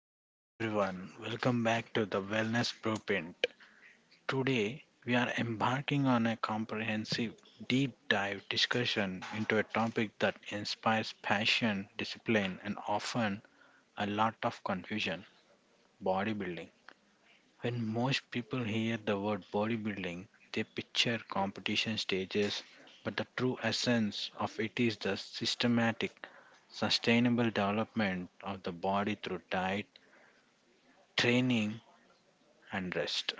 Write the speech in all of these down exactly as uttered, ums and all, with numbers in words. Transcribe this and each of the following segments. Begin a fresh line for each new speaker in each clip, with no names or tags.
Hello everyone, welcome back to the Wellness Blueprint. Today we are embarking on a comprehensive deep dive discussion into a topic that inspires passion, discipline, and often a lot of confusion: bodybuilding. When most people hear the word bodybuilding, they picture competition stages, but the true essence of it is the systematic, sustainable development of the body through diet, training, and rest.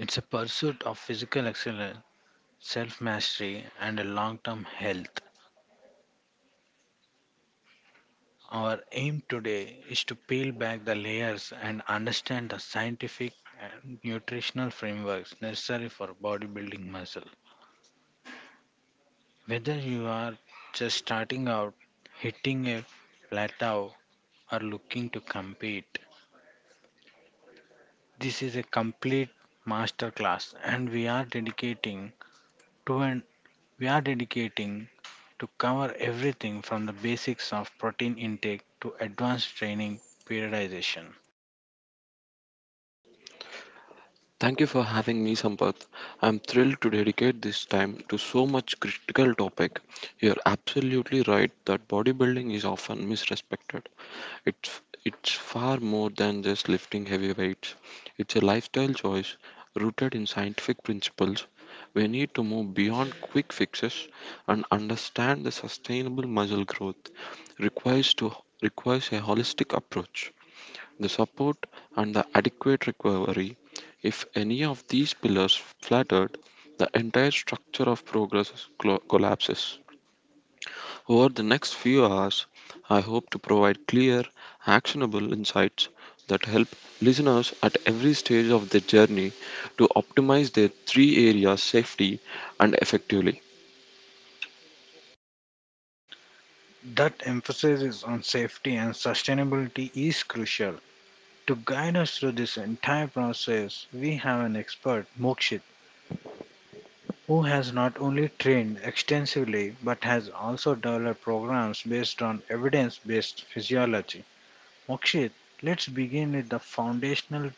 It's a pursuit of physical excellence, self mastery, and a long term health. Our aim today is to peel back the layers and understand the scientific and nutritional frameworks necessary for bodybuilding muscle. Whether you are just starting out, hitting a plateau, or looking to compete, this is a complete masterclass, and we are dedicating two and we are dedicating to cover everything from the basics of protein intake to advanced training periodization.
Thank you for having me, Sampath. I'm thrilled to dedicate this time to so much critical topic. You're absolutely right that bodybuilding is often misrespected. It's it's far more than just lifting heavy weights. It's a lifestyle choice rooted in scientific principles. We need to move beyond quick fixes and understand the sustainable muscle growth requires to requires a holistic approach the support, and the adequate recovery. If any of these pillars flattered, the entire structure of progress clo- collapses. Over the next few hours, I hope to provide clear, actionable insights that help listeners at every stage of their journey to optimize their three areas safely and effectively.
That emphasis on safety and sustainability is crucial. To guide us through this entire process, we have an expert, Mokshit, who has not only trained extensively but has also developed programs based on evidence based physiology. Mokshit, let's begin with the foundational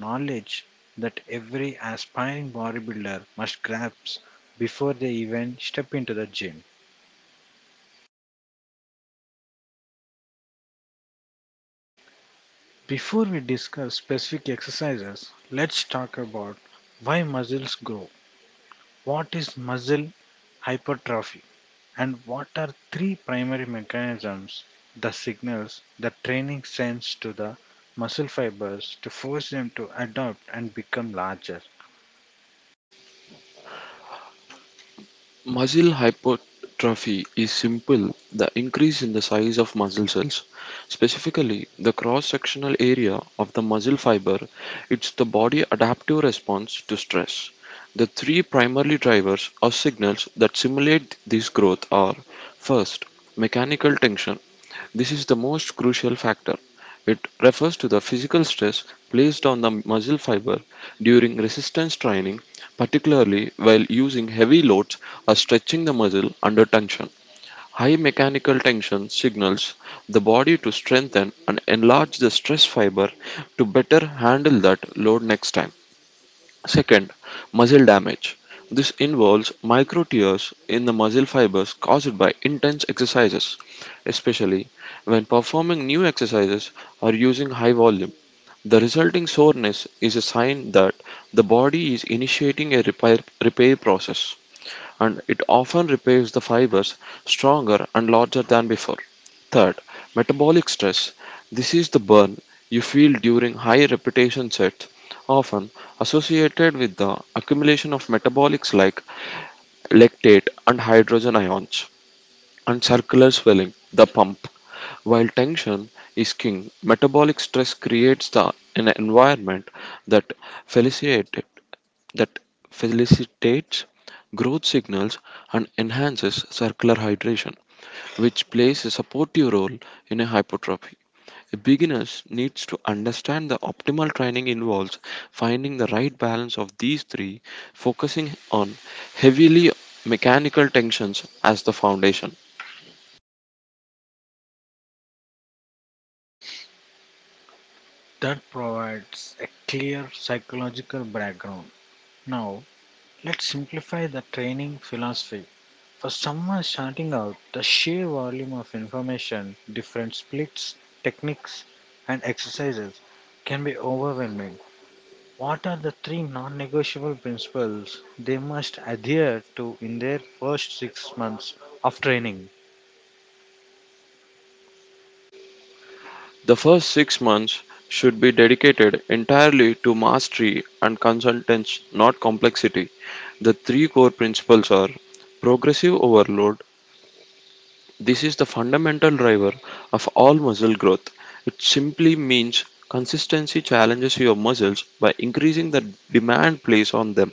knowledge that every aspiring bodybuilder must grasp before they even step into the gym. Before we discuss specific exercises, let's talk about why muscles grow. What is muscle hypertrophy and what are three primary mechanisms, the signals the training sends to the muscle fibers to force them to adapt and become larger,
Muscle hypertrophy is simple the increase in the size of muscle cells, specifically the cross sectional area of the muscle fiber. It's the body adaptive response to stress. The three primary drivers or signals that simulate this growth are: first, mechanical tension, this is the most crucial factor. It refers to the physical stress placed on the muscle fiber during resistance training, particularly while using heavy loads or stretching the muscle under tension. High mechanical tension signals the body to strengthen and enlarge the stress fiber to better handle that load next time. Second, muscle damage. This involves micro tears in the muscle fibers caused by intense exercises, especially when performing new exercises or using high volume. The resulting soreness is a sign that the body is initiating a repair, repair process, and it often repairs the fibers stronger and larger than before. Third, metabolic stress. This is the burn you feel during high repetition sets, often associated with the accumulation of metabolics like lactate and hydrogen ions, and circular swelling, the pump. While tension is king, metabolic stress creates the, an environment that facilitates that facilitates growth signals and enhances circular hydration, which plays a supportive role in a hypertrophy. A beginner needs to understand the optimal training involves finding the right balance of these three, focusing on heavily mechanical tensions as the foundation.
that provides a clear psychological background? Now, let's simplify the training philosophy. For someone starting out, the sheer volume of information, different splits, techniques, and exercises can be overwhelming. What are the three non negotiable principles they must adhere to in their first six months of training?
The first six months should be dedicated entirely to mastery and consultants, not complexity. The three core principles are: progressive overload. This is the fundamental driver of all muscle growth. It simply means consistency challenges your muscles by increasing the demand placed on them.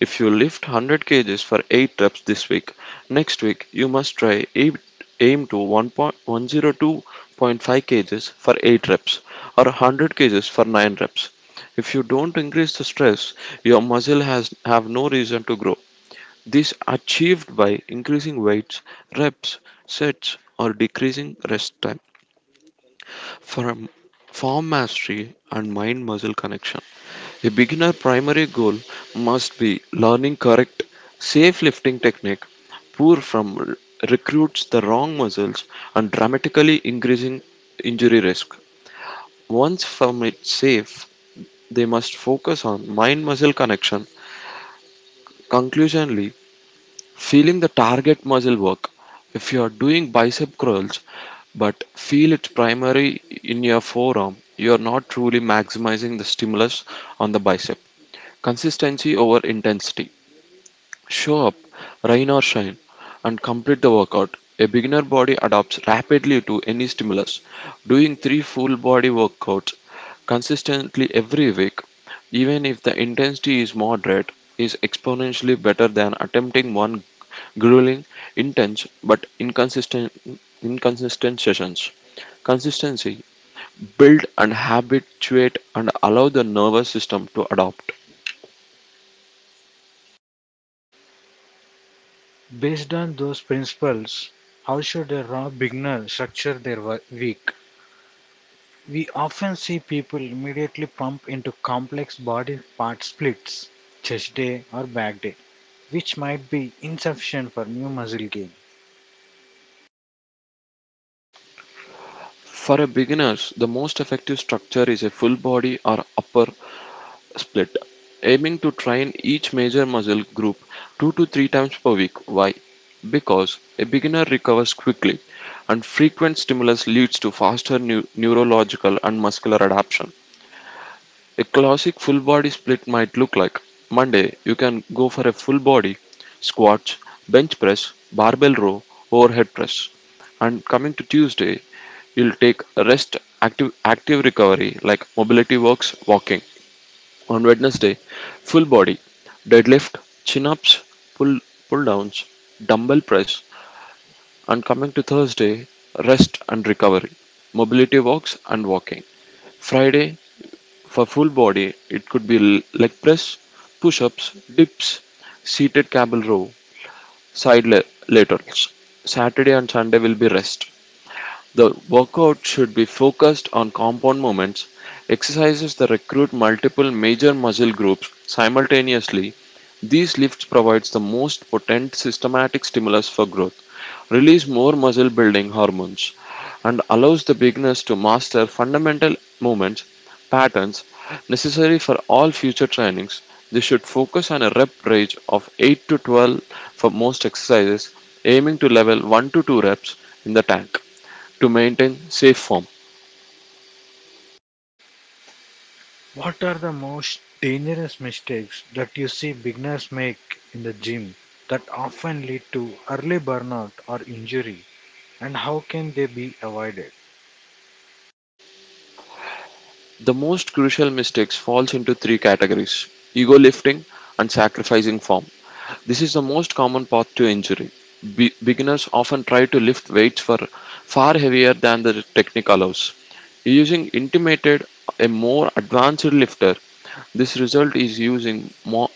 If you lift one hundred kgs for eight reps this week, next week you must try aim, aim to one point- one hundred two point five kgs for eight reps or one hundred kgs for nine reps. If you don't increase the stress, your muscle has have no reason to grow. This achieved by increasing weights, reps, sets or decreasing rest time. For form mastery and mind muscle connection, a beginner primary goal must be learning correct, safe lifting technique. Poor from r- recruits the wrong muscles and dramatically increasing injury risk. Once from it safe, they must focus on mind muscle connection. Conclusionally, feeling the target muscle work. If you are doing bicep curls but feel it primary in your forearm, you are not truly maximizing the stimulus on the bicep. Consistency over intensity. Show up, rain or shine, and complete the workout. A beginner body adapts rapidly to any stimulus. Doing three full body workouts consistently every week, even if the intensity is moderate, is exponentially better than attempting one grueling, intense, but inconsistent, inconsistent sessions. Consistency build and habituate and allow the nervous system to adapt.
Based on those principles, how should a raw beginner structure their wo- week? We often see people immediately pump into complex body part splits, chest day or back day, which might be insufficient for new muscle gain.
For a beginners, the most effective structure is a full body or upper split, aiming to train each major muscle group two to three times per week. Why? Because a beginner recovers quickly and frequent stimulus leads to faster neu- neurological and muscular adaptation. A classic full body split might look like: Monday, you can go for a full body, squats, bench press, barbell row, overhead press. And coming to Tuesday, you'll take rest, active, active recovery like mobility works, walking. On Wednesday, full body, deadlift, chin ups, pull, pull downs, dumbbell press. And coming to Thursday, rest and recovery, mobility walks and walking. Friday, for full body, it could be l- leg press, push ups, dips, seated cable row, side la- laterals. Saturday and Sunday will be rest. The workout should be focused on compound movements, exercises that recruit multiple major muscle groups simultaneously. These lifts provides the most potent systematic stimulus for growth, release more muscle building hormones, and allows the beginners to master fundamental movements patterns necessary for all future trainings. They should focus on a rep range of eight to twelve for most exercises, aiming to level one to two reps in the tank. To maintain safe form,
What are the most dangerous mistakes that you see beginners make in the gym that often lead to early burnout or injury, and how can they be avoided?
the most crucial mistakes falls into three categories: ego lifting and sacrificing form. This is the most common path to injury. Be- beginners often try to lift weights for far heavier than the technique allows, using intimated a more advanced lifter. This result is using more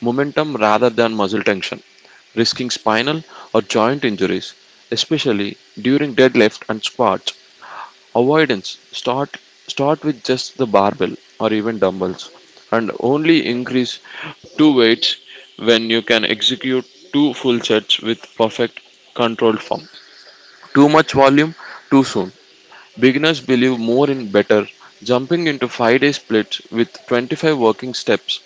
momentum rather than muscle tension, risking spinal or joint injuries, especially during deadlift and squats. Avoidance: start start with just the barbell or even dumbbells and only increase two weights when you can execute two full sets with perfect, controlled form. Too much volume too soon. Beginners believe more in better, jumping into five day splits with twenty-five working steps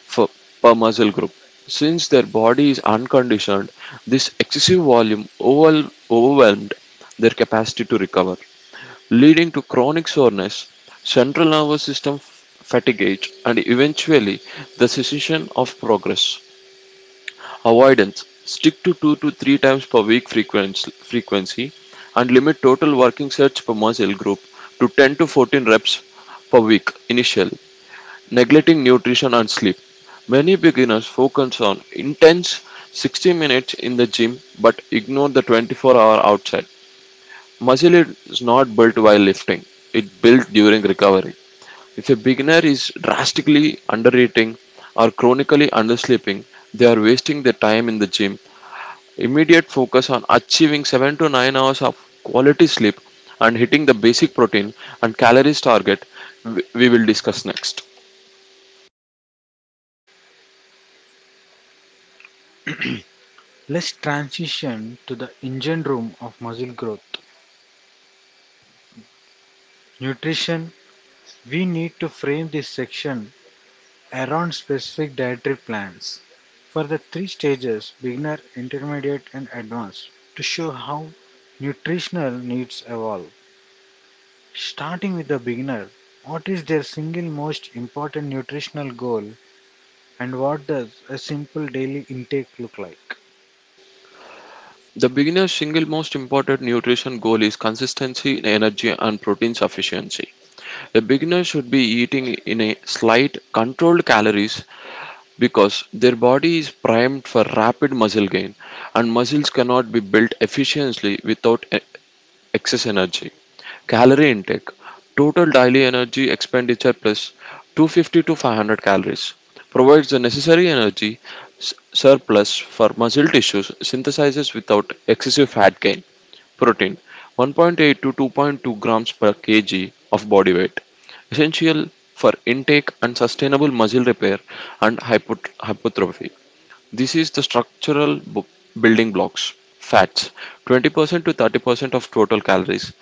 for, per muscle group. Since their body is unconditioned, this excessive volume overwhel- overwhelmed their capacity to recover, leading to chronic soreness, central nervous system fatigue, and eventually the cessation of progress. Avoidance: stick to two to three times per week frequency, frequency and limit total working sets per muscle group to ten to fourteen reps per week initially. Neglecting nutrition and sleep. Many beginners focus on intense sixty minutes in the gym but ignore the twenty-four hour outside. Muscle is not built while lifting, it's built during recovery. If a beginner is drastically undereating or chronically undersleeping, they are wasting their time in the gym. Immediate focus on achieving seven to nine hours of quality sleep and hitting the basic protein and calories target we will discuss next.
Let's transition to the engine room of muscle growth. Nutrition. We need to frame this section around specific dietary plans for the three stages: beginner, intermediate, and advanced, to show how nutritional needs evolve. Starting with the beginner, what is their single most important nutritional goal and what does a simple daily intake look like?
The beginner's single most important nutrition goal is consistency, energy, and protein sufficiency. The beginner should be eating in a slight, controlled calories because their body is primed for rapid muscle gain and muscles cannot be built efficiently without e- excess energy. Calorie intake: total daily energy expenditure plus two hundred fifty to five hundred calories provides the necessary energy s- surplus for muscle tissues synthesizes without excessive fat gain. Protein: one point eight to two point two grams per kg of body weight. Essential for intake and sustainable muscle repair and hypot- hypertrophy. This is the structural bu- building blocks. Fats: twenty percent to thirty percent of total calories,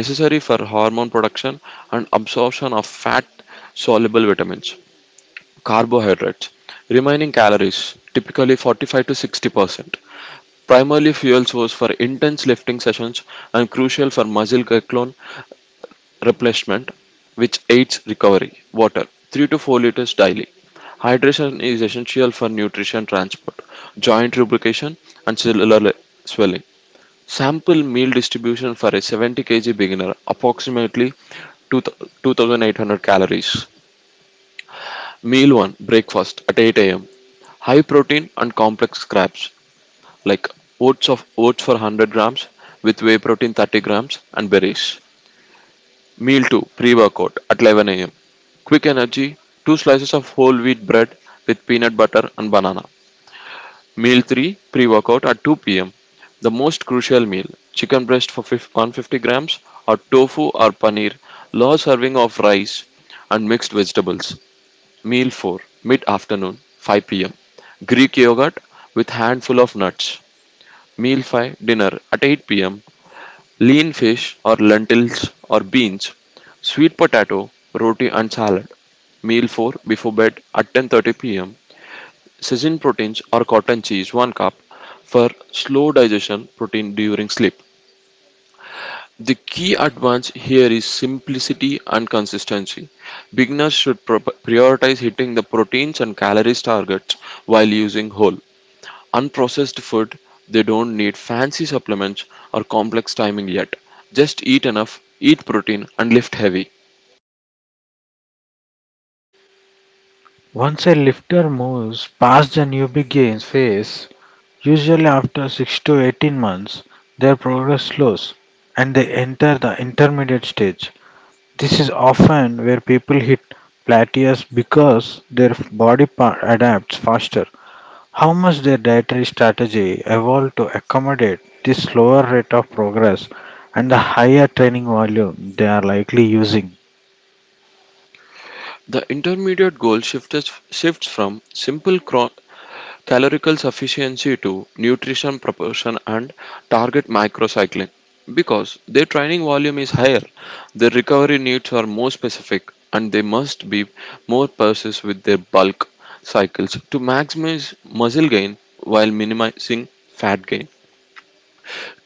necessary for hormone production and absorption of fat soluble vitamins. Carbohydrates: remaining calories, typically forty-five to sixty percent. Primarily fuels was for intense lifting sessions and crucial for muscle glycogen replacement, which aids recovery. Water: three to four liters daily. Hydration is essential for nutrition transport, joint lubrication, and cellular le- swelling. Sample meal distribution for a seventy kg beginner, approximately two two thousand eight hundred calories. Meal one, breakfast at eight a m. High protein and complex crabs, like oats of oats for one hundred grams with whey protein thirty grams and berries. Meal two, pre workout at eleven a m. Quick energy, two slices of whole wheat bread with peanut butter and banana. Meal three, pre workout at two p m. The most crucial meal, chicken breast for fif- one hundred fifty grams, or tofu or paneer, large serving of rice and mixed vegetables. Meal four, mid afternoon, five p m. Greek yogurt with handful of nuts. Meal five, dinner at eight p m, lean fish or lentils or beans, sweet potato, roti and salad. Meal four, before bed at ten thirty p m, sesame proteins or cotton cheese one cup for slow digestion protein during sleep. The key advance here is simplicity and consistency. Beginners should pro- prioritize hitting the proteins and calories targets while using whole, unprocessed food. They don't need fancy supplements or complex timing yet. Just eat enough, eat protein, and lift heavy.
Once a lifter moves past the newbie gains phase, usually after six to eighteen months, their progress slows and they enter the intermediate stage. This is often where people hit plateaus because their body part adapts faster. How much their dietary strategy evolved to accommodate this slower rate of progress and the higher training volume they are likely using.
The intermediate goal shifts, shifts from simple chro- calorical sufficiency to nutrition proportion and target macrocycling. Because their training volume is higher, their recovery needs are more specific, and they must be more precise with their bulk cycles to maximize muscle gain while minimizing fat gain.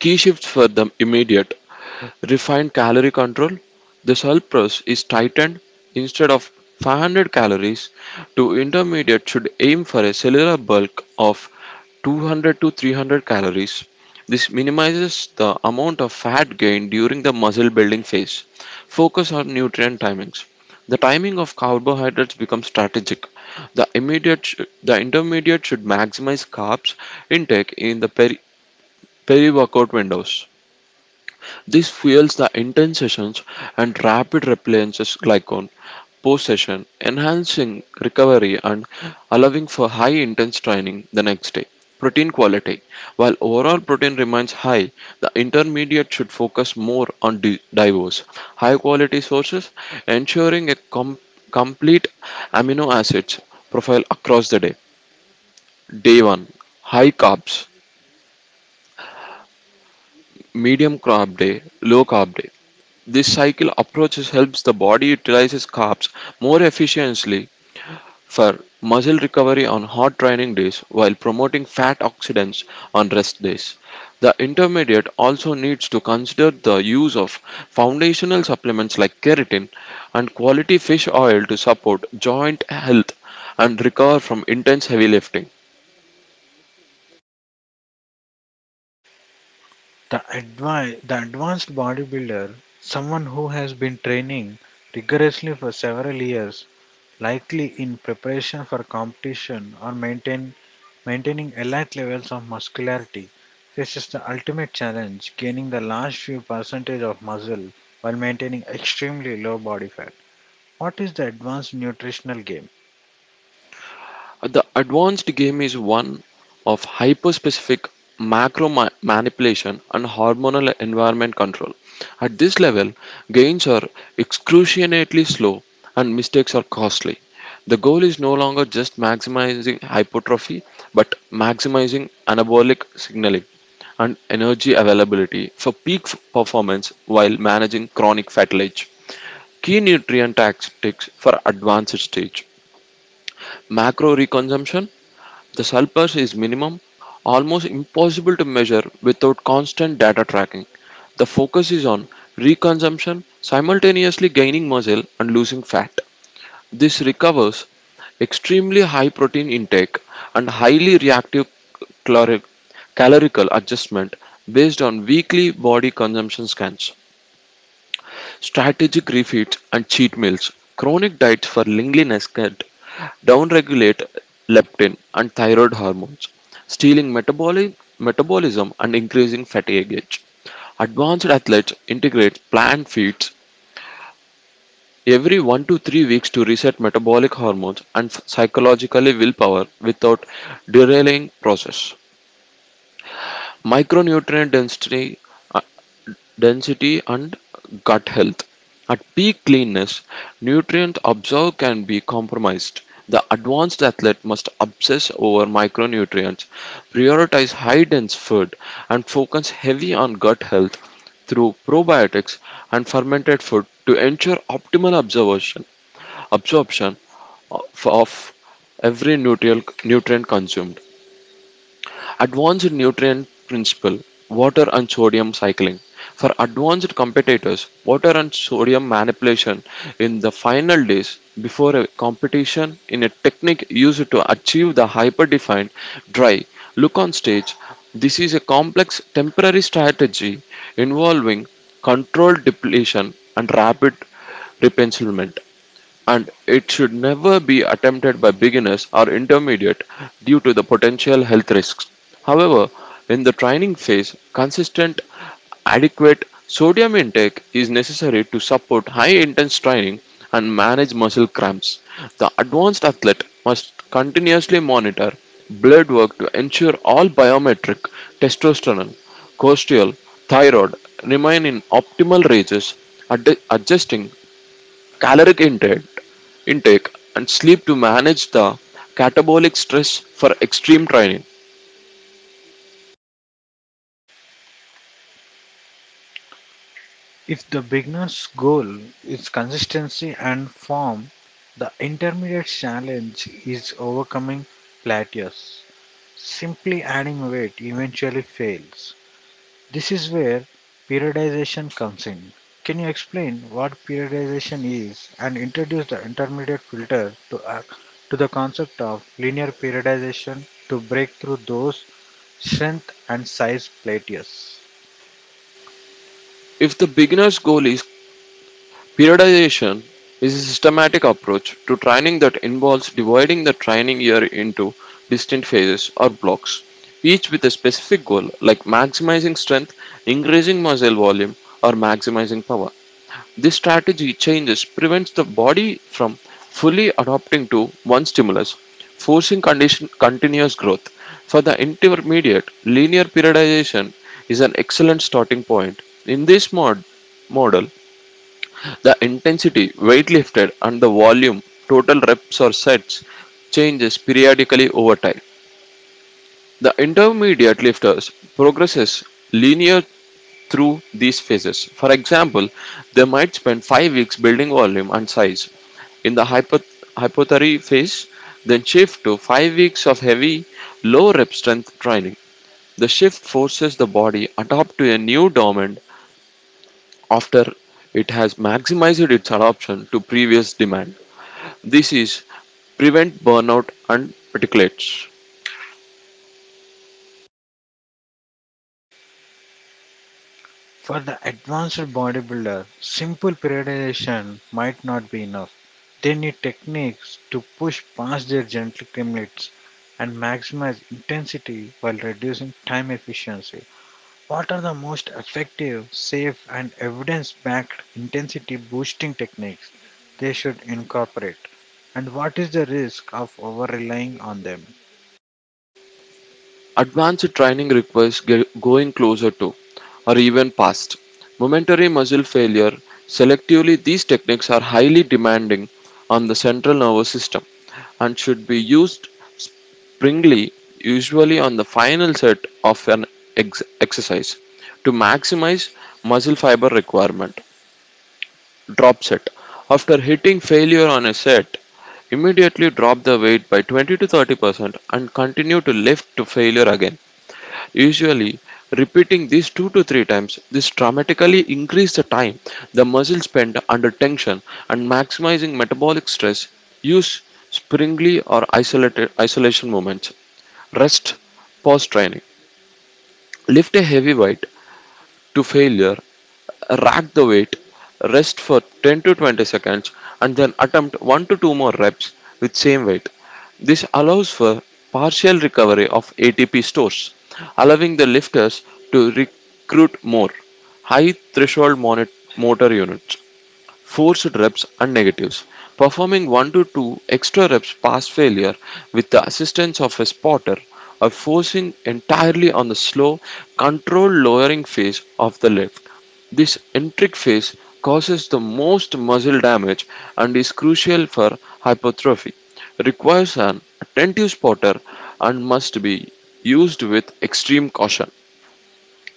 Key shifts for the immediate: refined calorie control. The surplus is tightened. Instead of five hundred calories, to intermediate should aim for a cellular bulk of two hundred to three hundred calories. This minimizes the amount of fat gain during the muscle building phase. Focus on nutrient timings. The timing of carbohydrates becomes strategic. The immediate, sh- the intermediate should maximize carbs intake in the peri- peri-workout windows. This fuels the intense sessions and rapid replenishes glycone post session, enhancing recovery and allowing for high intense training the next day. Protein quality: while overall protein remains high, the intermediate should focus more on di- diverse, high quality sources, ensuring a com- complete amino acids profile across the day. Day one, high carbs, medium carb day, low carb day. This cycle approach helps the body utilizes carbs more efficiently for muscle recovery on hot training days while promoting fat oxidants on rest days. The intermediate also needs to consider the use of foundational supplements like keratin and quality fish oil to support joint health and recover from intense heavy lifting.
The, advi- the advanced bodybuilder, someone who has been training rigorously for several years, likely in preparation for competition or maintain, maintaining elite levels of muscularity, faces the ultimate challenge gaining the large few percentage of muscle while maintaining extremely low body fat. What is the advanced nutritional game?
The advanced game is one of hyper-specific macro ma- manipulation and hormonal environment control. At this level, gains are excruciatingly slow and mistakes are costly. The goal is no longer just maximizing hypertrophy, but maximizing anabolic signaling and energy availability for peak f- performance while managing chronic fatigue. Key nutrient tactics for advanced stage macro reconsumption, the sulfur is minimum, almost impossible to measure without constant data tracking. The focus is on reconsumption, simultaneously gaining muscle and losing fat. This recovers extremely high protein intake and highly reactive caloric, calorical adjustment based on weekly body consumption scans. Strategic refeeds and cheat meals. Chronic diets for leanliness can downregulate leptin and thyroid hormones, stealing metaboli- metabolism and increasing fatigue. Age. Advanced athletes integrate planned feeds every one to three weeks to reset metabolic hormones and f- psychologically willpower without derailing process. Micronutrient density uh, density and gut health. At peak cleanness, nutrient absorb can be compromised. The advanced athlete must obsess over micronutrients, prioritize high dense food, and focus heavy on gut health through probiotics and fermented food to ensure optimal absorption, absorption of, of every nutrient, nutrient consumed. Advanced nutrient principle, water and sodium cycling. For advanced competitors, water and sodium manipulation in the final days before a competition in a technique used to achieve the hyper defined dry look on stage. This is a complex temporary strategy involving controlled depletion and rapid replenishment, and it should never be attempted by beginners or intermediate due to the potential health risks. However, in the training phase, consistent, adequate sodium intake is necessary to support high intense training and manage muscle cramps. The advanced athlete must continuously monitor blood work to ensure all biometric, testosterone, costeal, thyroid remain in optimal ranges, ad- adjusting caloric intake, intake and sleep to manage the catabolic stress for extreme training.
If the beginner's goal is consistency and form, the intermediate challenge is overcoming plateaus. Simply adding weight eventually fails. This is where periodization comes in. Can you explain what periodization is and introduce the intermediate filter to, uh, to the concept of linear periodization to break through those strength and size plateaus?
If the beginner's goal is periodization, is a systematic approach to training that involves dividing the training year into distinct phases or blocks, each with a specific goal like maximizing strength, increasing muscle volume, or maximizing power. This strategy changes prevents the body from fully adapting to one stimulus, forcing condition, continuous growth. For the intermediate, linear periodization is an excellent starting point. In this mod, model, the intensity, weight lifted, and the volume, total reps or sets, changes periodically over time. The intermediate lifters progresses linear through these phases. For example, they might spend five weeks building volume and size in the hypo- hypothyroid phase, then shift to five weeks of heavy, low rep strength training. The shift forces the body adapt to a new dominant after it has maximized its adoption to previous demand. This is prevent burnout and particulates.
For the advanced bodybuilder, simple periodization might not be enough. They need techniques to push past their genetic limits and maximize intensity while reducing time efficiency. What are the most effective, safe, and evidence backed intensity boosting techniques they should incorporate? And what is the risk of over relying on them?
Advanced training requires ge- going closer to, or even past, momentary muscle failure. Selectively, these techniques are highly demanding on the central nervous system and should be used springly, usually on the final set of an ex- exercise, to maximize muscle fiber requirement. Drop set. After hitting failure on a set, immediately drop the weight by twenty to thirty percent and continue to lift to failure again. Usually, repeating this two to three times, this dramatically increase the time the muscle spent under tension and maximizing metabolic stress. Use springly or isolated isolation movements. Rest post training. Lift a heavy weight to failure, rack the weight, rest for ten to twenty seconds, and then attempt one to two more reps with same weight. This allows for partial recovery of A T P stores, allowing the lifters to recruit more high threshold motor units, forced reps and negatives. Performing one to two extra reps past failure with the assistance of a spotter or forcing entirely on the slow, controlled lowering phase of the lift. This entric phase causes the most muscle damage and is crucial for hypertrophy. Requires an attentive spotter and must be used with extreme caution.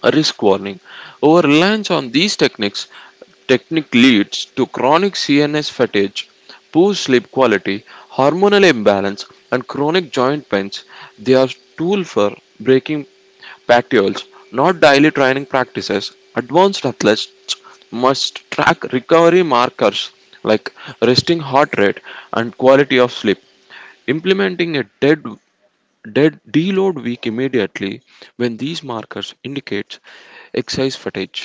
A risk warning: over reliance on these techniques technique leads to chronic C N S fatigue, poor sleep quality, hormonal imbalance, and chronic joint pains. They are tool for breaking patios, not daily training practices. Advanced athletes must track recovery markers like resting heart rate and quality of sleep. Implementing a dead dead deload weak immediately when these markers indicate exercise fatigue.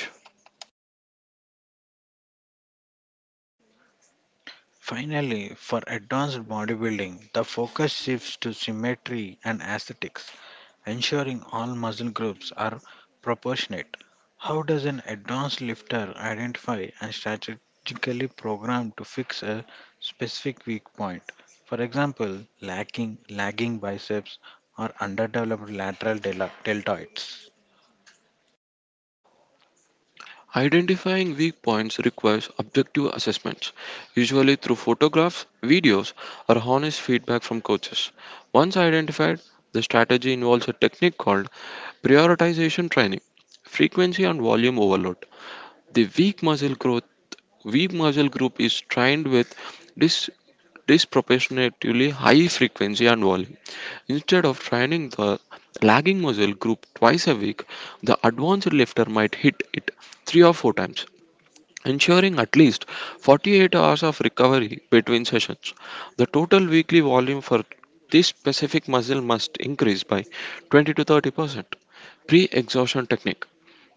Finally, for advanced bodybuilding, the focus shifts to symmetry and aesthetics, ensuring all muscle groups are proportionate. How does an advanced lifter identify and strategically program to fix a specific weak point? For example, lacking lagging biceps or underdeveloped lateral dela- deltoids.
Identifying weak points requires objective assessments, usually through photographs, videos, or honest feedback from coaches. Once identified, the strategy involves a technique called prioritization training, frequency and volume overload. The weak muscle growth weak muscle group is trained with dis- disproportionately high frequency and volume. Instead of training the lagging muscle group twice a week, the advanced lifter might hit it three or four times, ensuring at least forty-eight hours of recovery between sessions. The total weekly volume for this specific muscle must increase by twenty to thirty percent. Pre exhaustion technique,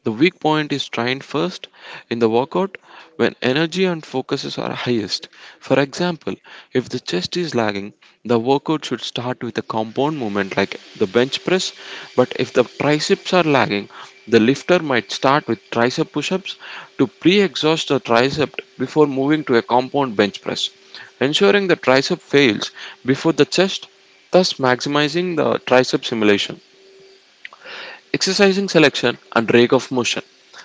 the weak point is trained first in the workout when energy and focuses are highest. For example, if the chest is lagging, the workout should start with a compound movement like the bench press, but if the triceps are lagging, the lifter might start with tricep push ups to pre exhaust the tricep before moving to a compound bench press, ensuring the tricep fails before the chest, thus maximizing the tricep simulation. Exercising selection and rate of motion.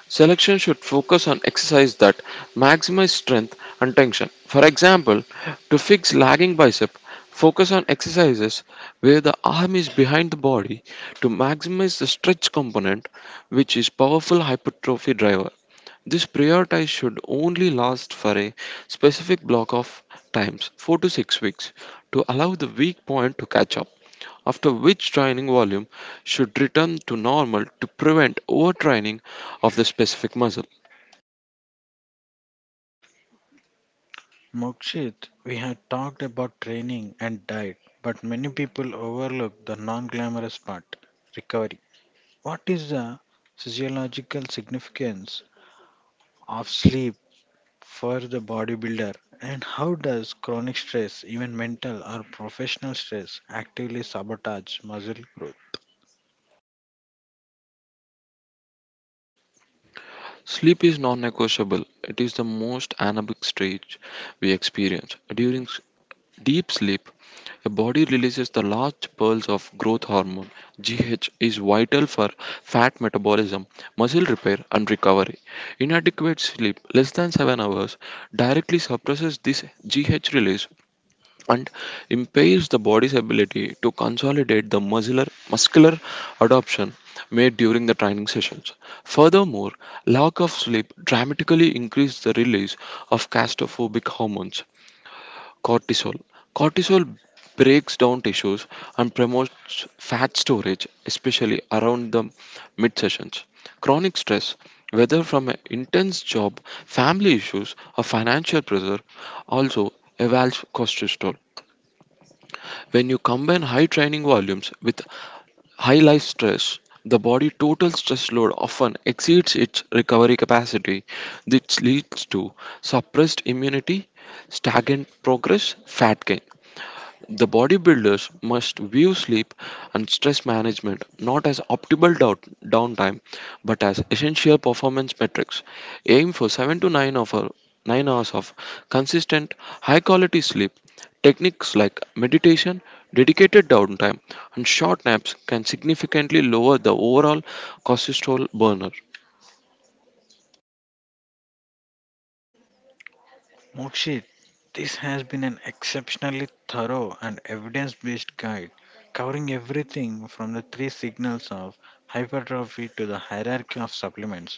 Selection should focus on exercise that maximize strength and tension. For example, to fix lagging bicep, focus on exercises where the arm is behind the body to maximize the stretch component which is powerful hypertrophy driver. This prioritize should only last for a specific block of times four to six weeks to allow the weak point to catch up after which training volume should return to normal to prevent overtraining of the specific muscle.
Mokshit, we have talked about training and diet, but many people overlook the non-glamorous part, recovery. What is the physiological significance of sleep for the bodybuilder and how does chronic stress, even mental or professional stress, actively sabotage muscle growth?
Sleep is non negotiable, it is the most anaerobic stage we experience. During s- deep sleep, the body releases the large pulse of growth hormone. G H is vital for fat metabolism, muscle repair, and recovery. Inadequate sleep, less than seven hours, directly suppresses this G H release, and impairs the body's ability to consolidate the muscular, muscular adoption made during the training sessions. Furthermore, lack of sleep dramatically increases the release of castophobic hormones, cortisol. Cortisol breaks down tissues and promotes fat storage, especially around the mid sessions. Chronic stress, whether from an intense job, family issues, or financial pressure, also evolves cortisol. When you combine high training volumes with high life stress, the body's total stress load often exceeds its recovery capacity. This leads to suppressed immunity, stagnant progress, fat gain. The bodybuilders must view sleep and stress management not as optimal down- downtime but as essential performance metrics. Aim for seven to nine of a- nine hours of consistent high quality sleep. Techniques like meditation, dedicated downtime and short naps can significantly lower the overall cortisol burner.
Mokshit, this has been an exceptionally thorough and evidence-based guide covering everything from the three signals of hypertrophy to the hierarchy of supplements.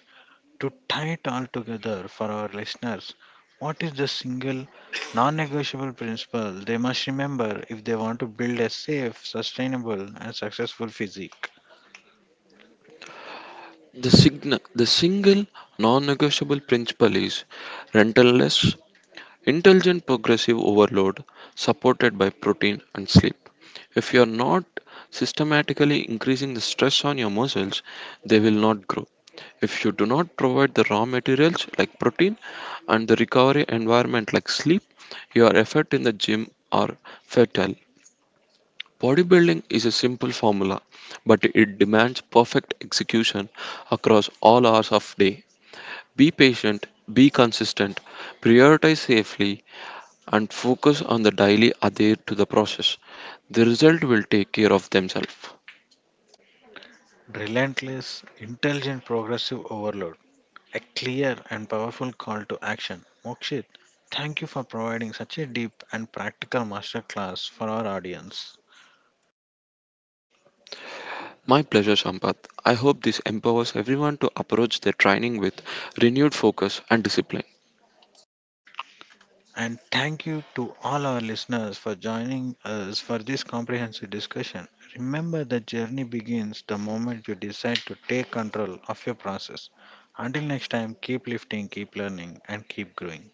To tie it all together for our listeners, what is the single non negotiable principle they must remember if they want to build a safe, sustainable, and successful physique?
The sign- the single non-negotiable principle is rental less intelligent progressive overload supported by protein and sleep. If you are not systematically increasing the stress on your muscles, they will not grow. If you do not provide the raw materials like protein and the recovery environment like sleep, your effort in the gym are fatal. Bodybuilding is a simple formula, but it demands perfect execution across all hours of day. Be patient, be consistent, prioritize safely, and focus on the daily adhere to the process. The result will take care of themselves.
Relentless, intelligent, progressive overload. A clear and powerful call to action. Mokshit, thank you for providing such a deep and practical masterclass for our audience.
My pleasure, Sampath. I hope this empowers everyone to approach their training with renewed focus and discipline.
And thank you to all our listeners for joining us for this comprehensive discussion. Remember, the journey begins the moment you decide to take control of your process. Until next time, keep lifting, keep learning, and keep growing.